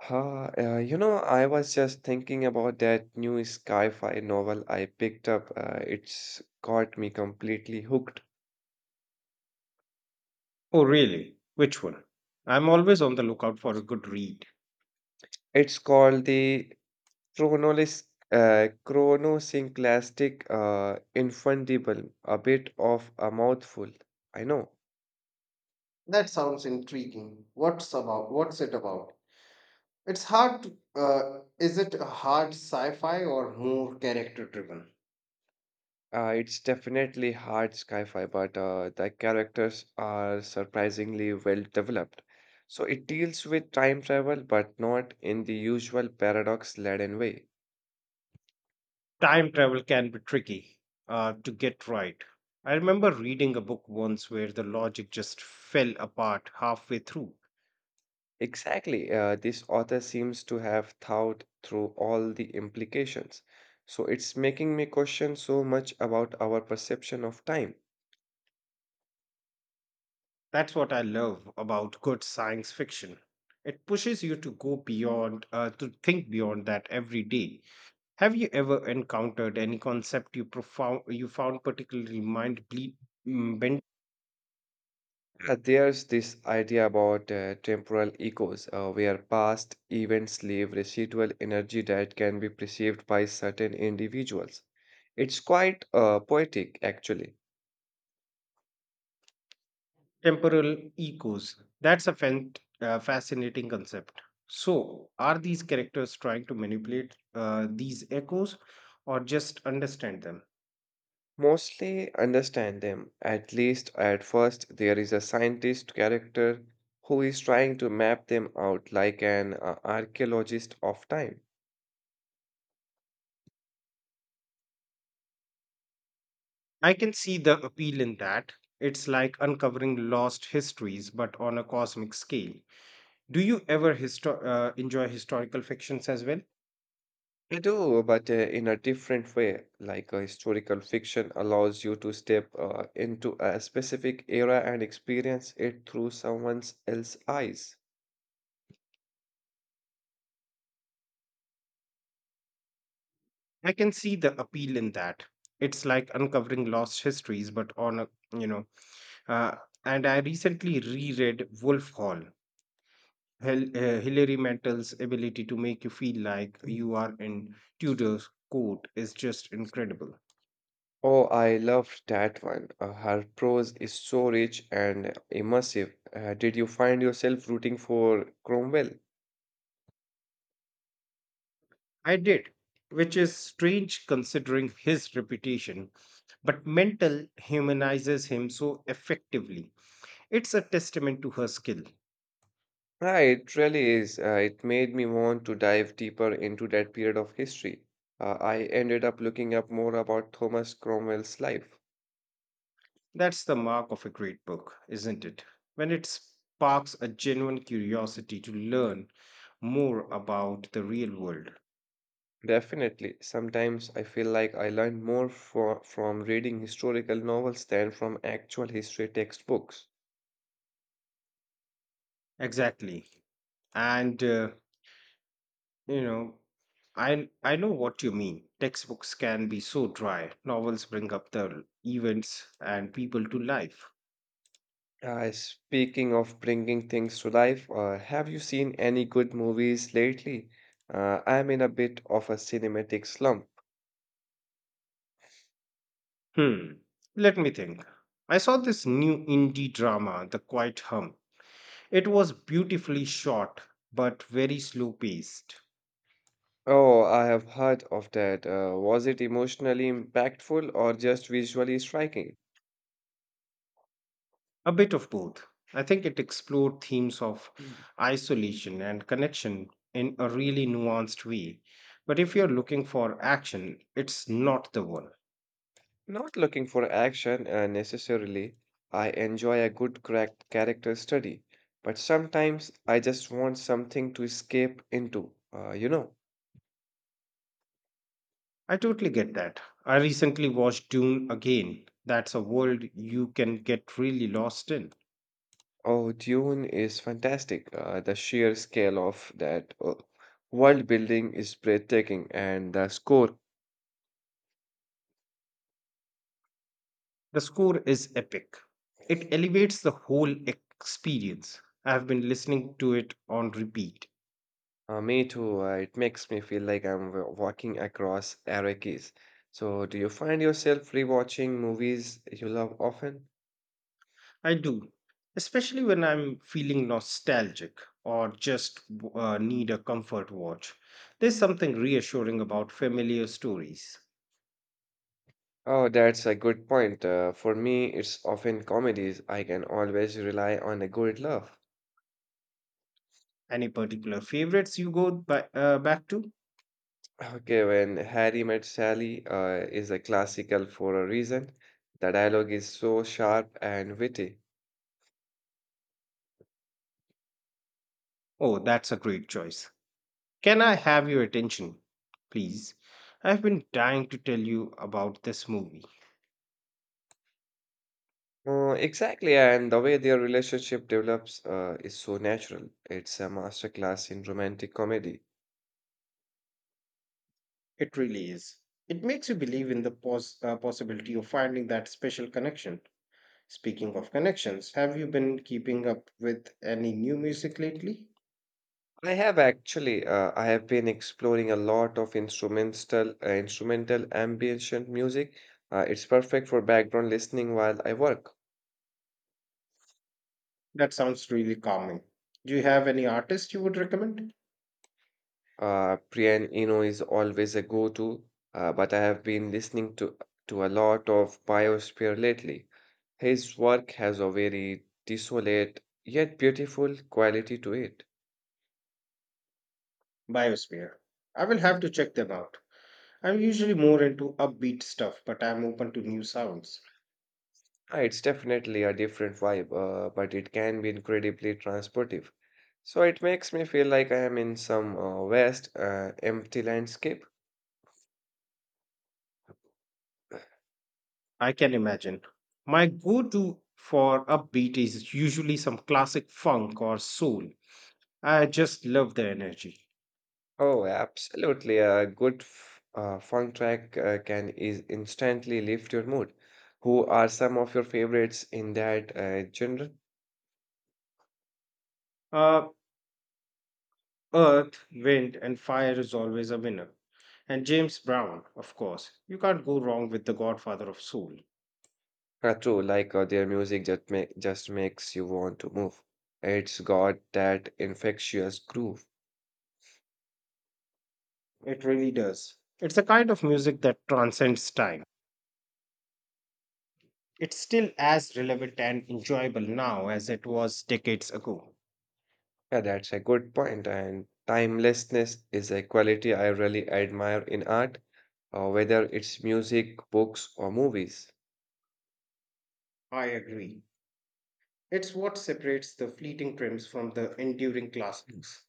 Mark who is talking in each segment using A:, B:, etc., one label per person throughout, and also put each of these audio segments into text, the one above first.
A: I was just thinking about that new sci-fi novel I picked up. It's got me completely hooked.
B: Oh, really? Which one? I'm always on the lookout for a good read.
A: It's called the Chronolis, Chronosynclastic Infundible, a bit of a mouthful. I know.
B: That sounds intriguing. What's it about? It's hard. To, uh, is it a hard sci-fi or more character-driven?
A: It's definitely hard sci-fi, but the characters are surprisingly well developed. So it deals with time travel, but not in the usual paradox-laden way.
B: Time travel can be tricky to get right. I remember reading a book once where the logic just fell apart halfway through.
A: Exactly. This author seems to have thought through all the implications. So it's making me question so much about our perception of time.
B: That's what I love about good science fiction. It pushes you to go beyond, to think beyond that every day. Have you ever encountered any concept you found particularly bent?
A: There's this idea about temporal echoes, where past events leave residual energy that can be perceived by certain individuals. It's quite poetic, actually.
B: Temporal echoes? That's a fascinating concept. So, are these characters trying to manipulate these echoes or just understand them?
A: Mostly understand them, at least at first. There is a scientist character who is trying to map them out like an archaeologist of time.
B: I can see the appeal in that. It's like uncovering lost histories, but on a cosmic scale. Do you ever enjoy historical fictions as well?
A: I do, but in a different way. Like a historical fiction allows you to step into a specific era and experience it through someone else's eyes.
B: I can see the appeal in that. It's like uncovering lost histories, but on a you know. Uh, and I recently reread Wolf Hall. Hilary Mantel's ability to make you feel like
A: Mhm.
B: you are in Tudor's court is just incredible.
A: Oh, I loved that one. Her prose is so rich and immersive. Did you find yourself rooting for Cromwell?
B: I did, which is strange considering his reputation, but Mantel humanizes him so effectively. It's a testament to her skill.
A: Ah, it really is. It made me want to dive deeper into that period of history. I ended up looking up more about Thomas Cromwell's life.
B: That's the mark of a great book, isn't it? When it sparks a genuine curiosity to learn more about the real world.
A: Definitely, sometimes I feel like I learn from reading historical novels than from actual history textbooks.
B: Exactly. And, uh, you know, I, I know what you mean. Textbooks can be so dry. Novels bring up the events and people to life.
A: Speaking of bringing things to life, have you seen any good movies lately? I'm in a bit of a cinematic slump.
B: Hmm. Let me think. I saw this new indie drama, The Quiet Hum. It was beautifully shot, but very slow paced.
A: Oh, I have heard of that. Was it emotionally impactful or just visually striking?
B: A bit of both. I think it explored themes of
A: Mm.
B: isolation and connection in a really nuanced way. But if you're looking for action, it's not the one.
A: Not looking for action necessarily. I enjoy a good crack character study, but sometimes I just want something to escape into.
B: I totally get that. I recently watched Dune again. That's a world you can get really lost in.
A: Oh, Dune is fantastic. The sheer scale of that world building is breathtaking, and the score,
B: The score is epic. It elevates the whole experience. I've been listening to it on repeat.
A: me too. It makes me feel like I'm walking across Arrakis. So, do you find yourself rewatching movies you love often?
B: I do, especially when I'm feeling nostalgic or just need a comfort watch. There's something reassuring about familiar stories.
A: Oh, that's a good point. For me, it's often comedies. I can always rely on a good laugh.
B: Any particular favorites you go back to?
A: Okay, when Harry Met Sally is a classical for a reason. The dialogue is so sharp and witty.
B: Oh, that's a great choice. Can I have your attention, please? I've been dying to tell you about this movie.
A: Exactly, and the way their relationship develops is so natural. It's a masterclass in romantic comedy.
B: It really is. It makes you believe in the possibility of finding that special connection. Speaking of connections, have you been keeping up with any new music lately?
A: I have actually, I have been exploring a lot of instrumental ambient music. It's perfect for background listening while I work.
B: That sounds really calming. Do you have any artists you would recommend?
A: Piano is always a go-to, but I have been listening to a lot of Biosphere lately. His work has a very desolate yet beautiful quality to it.
B: Biosphere. I will have to check them out. I'm usually more into upbeat stuff, but I'm open to new sounds.
A: It's definitely a different vibe, but it can be incredibly transportive. So it makes me feel like I am in some vast, empty landscape.
B: I can imagine. My go to for upbeat is usually some classic funk or soul. I just love the energy.
A: Oh, absolutely. A good f funk track can is instantly lift your mood. Who are some of your favorites in that genre?
B: Uh, Earth, wind, and fire is always a winner. And James Brown, of course. You can't go wrong with the godfather of soul.
A: True, like their music just makes you want to move. It's got that infectious groove.
B: It really does. It's a kind of music that transcends time. It's still as relevant and enjoyable now as it was decades ago.
A: Yeah, that's a good point, and timelessness is a quality I really admire in art, whether it's music, books, or movies.
B: I agree. It's what separates the fleeting trends from the enduring
A: Mm.
B: classics.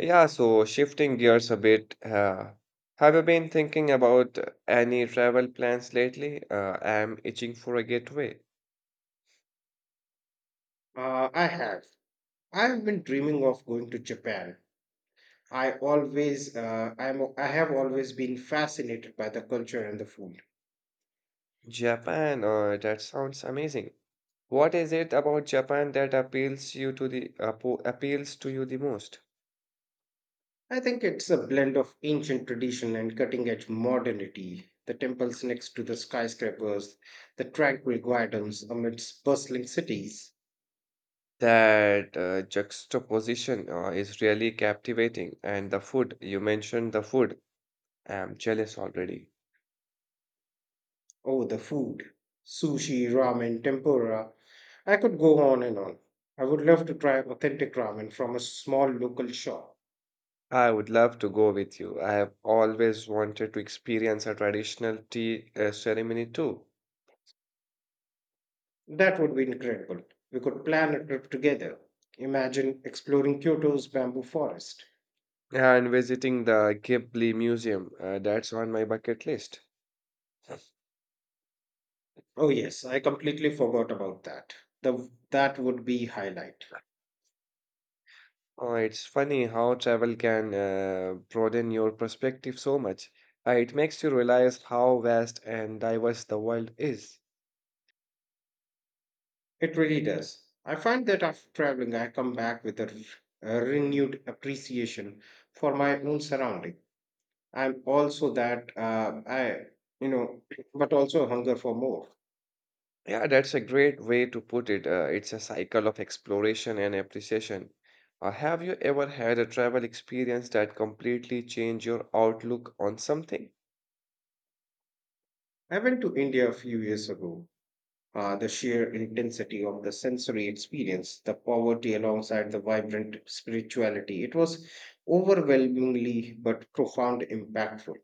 A: Yeah, so shifting gears a bit, have you been thinking about any travel plans lately? I'm itching for a getaway.
B: I have. I've been dreaming of going to Japan. I have always been fascinated by the culture and the food.
A: Japan, that sounds amazing. What is it about Japan that appeals to you the most?
B: I think it's a blend of ancient tradition and cutting edge modernity. The temples next to the skyscrapers, the tranquil gardens amidst bustling cities.
A: That juxtaposition is really captivating. And the food, you mentioned the food. I'm jealous already.
B: Oh, the food, sushi, ramen, tempura. I could go on and on. I would love to try authentic ramen from a small local shop.
A: I would love to go with you. I have always wanted to experience a traditional tea ceremony too.
B: That would be incredible. We could plan a trip together. Imagine exploring Kyoto's bamboo forest.
A: And visiting the Ghibli Museum, that's on my bucket list.
B: Oh yes, I completely forgot about that. That would be highlight.
A: Oh, it's funny how travel can broaden your perspective so much. It makes you realize how vast and diverse the world is.
B: It really does. I find that after traveling, I come back with a renewed appreciation for my own surrounding. I'm also that I, you know, But also a hunger for more.
A: Yeah, that's a great way to put it. It's a cycle of exploration and appreciation. Have you ever had a travel experience that completely changed your outlook on something?
B: I went to India a few years ago. The sheer intensity of the sensory experience, the poverty alongside the vibrant spirituality, it was overwhelmingly but profound impactful.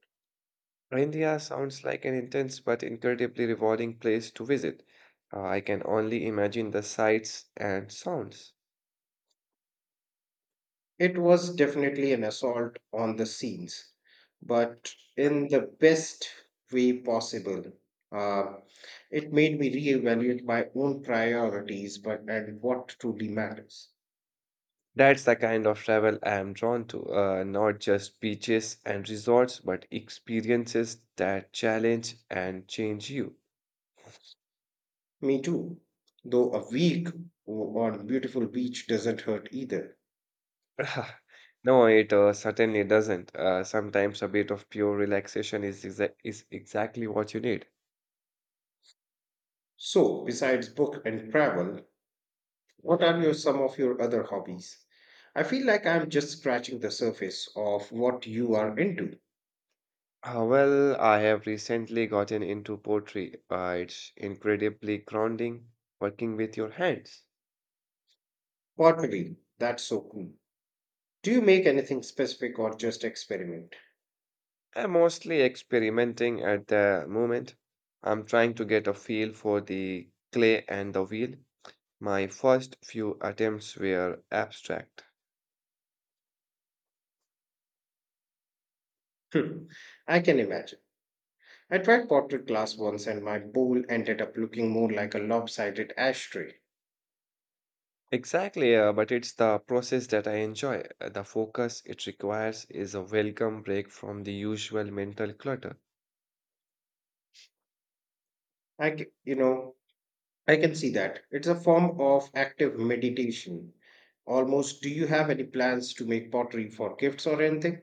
A: India sounds like an intense but incredibly rewarding place to visit. I can only imagine the sights and sounds.
B: It was definitely an assault on the scenes, but in the best way possible. Uh, it made me reevaluate my own priorities, but and what truly matters.
A: That's the kind of travel I am drawn to, not just beaches and resorts, but experiences that challenge and change you.
B: Me too, though a week on a beautiful beach doesn't hurt either.
A: No, it certainly doesn't. Sometimes a bit of pure relaxation is exactly what you need.
B: So, besides book and travel, what are your some of your other hobbies? I feel like I'm just scratching the surface of what you are into.
A: Well, I have recently gotten into pottery. It's incredibly grounding working with your hands.
B: Pottery, that's so cool. Do you make anything specific or just experiment?
A: I'm mostly experimenting at the moment. I'm trying to get a feel for the clay and the wheel. My first few attempts were abstract.
B: Hmm, I can imagine. I tried portrait glass once and my bowl ended up looking more like a lopsided ashtray.
A: Exactly, but it's the process that I enjoy. The focus it requires is a welcome break from the usual mental clutter.
B: I, c- you know, I can see that. It's a form of active meditation. Almost, do you have any plans to make pottery for gifts or anything?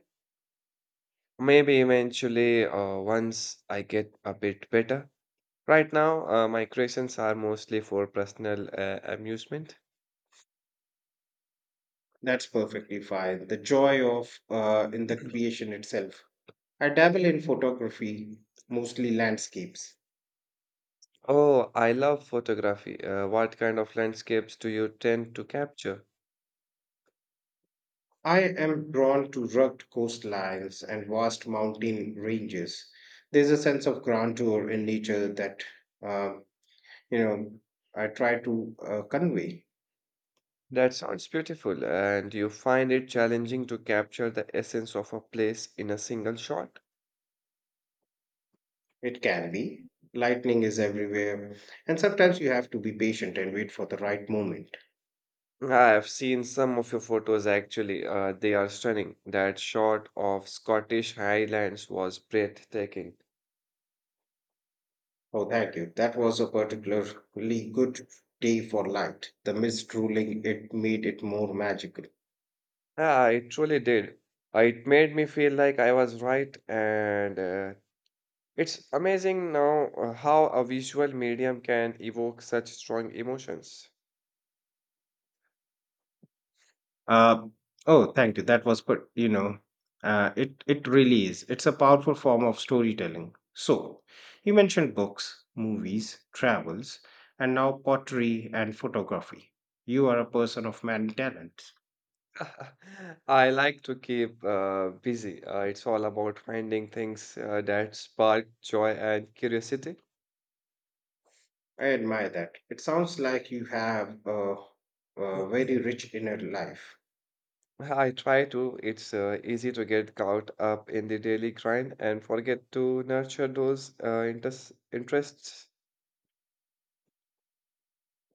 A: Maybe eventually, once I get a bit better. Right now, my creations are mostly for personal amusement.
B: That's perfectly fine. The joy of in the creation itself. I dabble in photography, mostly landscapes.
A: Oh, I love photography. What kind of landscapes do you tend to capture?
B: I am drawn to rugged coastlines and vast mountain ranges. There's a sense of grandeur in nature that, um, you know, I try to convey.
A: That sounds beautiful. And you find it challenging to capture the essence of a place in a single shot?
B: It can be. Lightning is everywhere. And sometimes you have to be patient and wait for the right moment.
A: I've seen some of your photos actually. They are stunning. That shot of Scottish Highlands was breathtaking.
B: Oh, thank you. That was a particularly good day for light. The mist ruling it made it more magical.
A: Yeah, it truly did. It made me feel like I was right, and it's amazing now how a visual medium can evoke such strong emotions.
B: Uh, oh, thank you. That was good. It really is. It's a powerful form of storytelling. So, you mentioned books, movies, travels, and now pottery and photography. You are a person of many talents.
A: I like to keep busy. It's all about finding things that spark joy and curiosity.
B: I admire that. It sounds like you have a very rich inner life.
A: I try to. It's easy to get caught up in the daily grind and forget to nurture those interests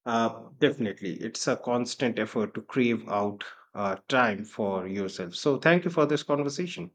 B: Definitely, it's a constant effort to crave out time for yourself. So, thank you for this conversation.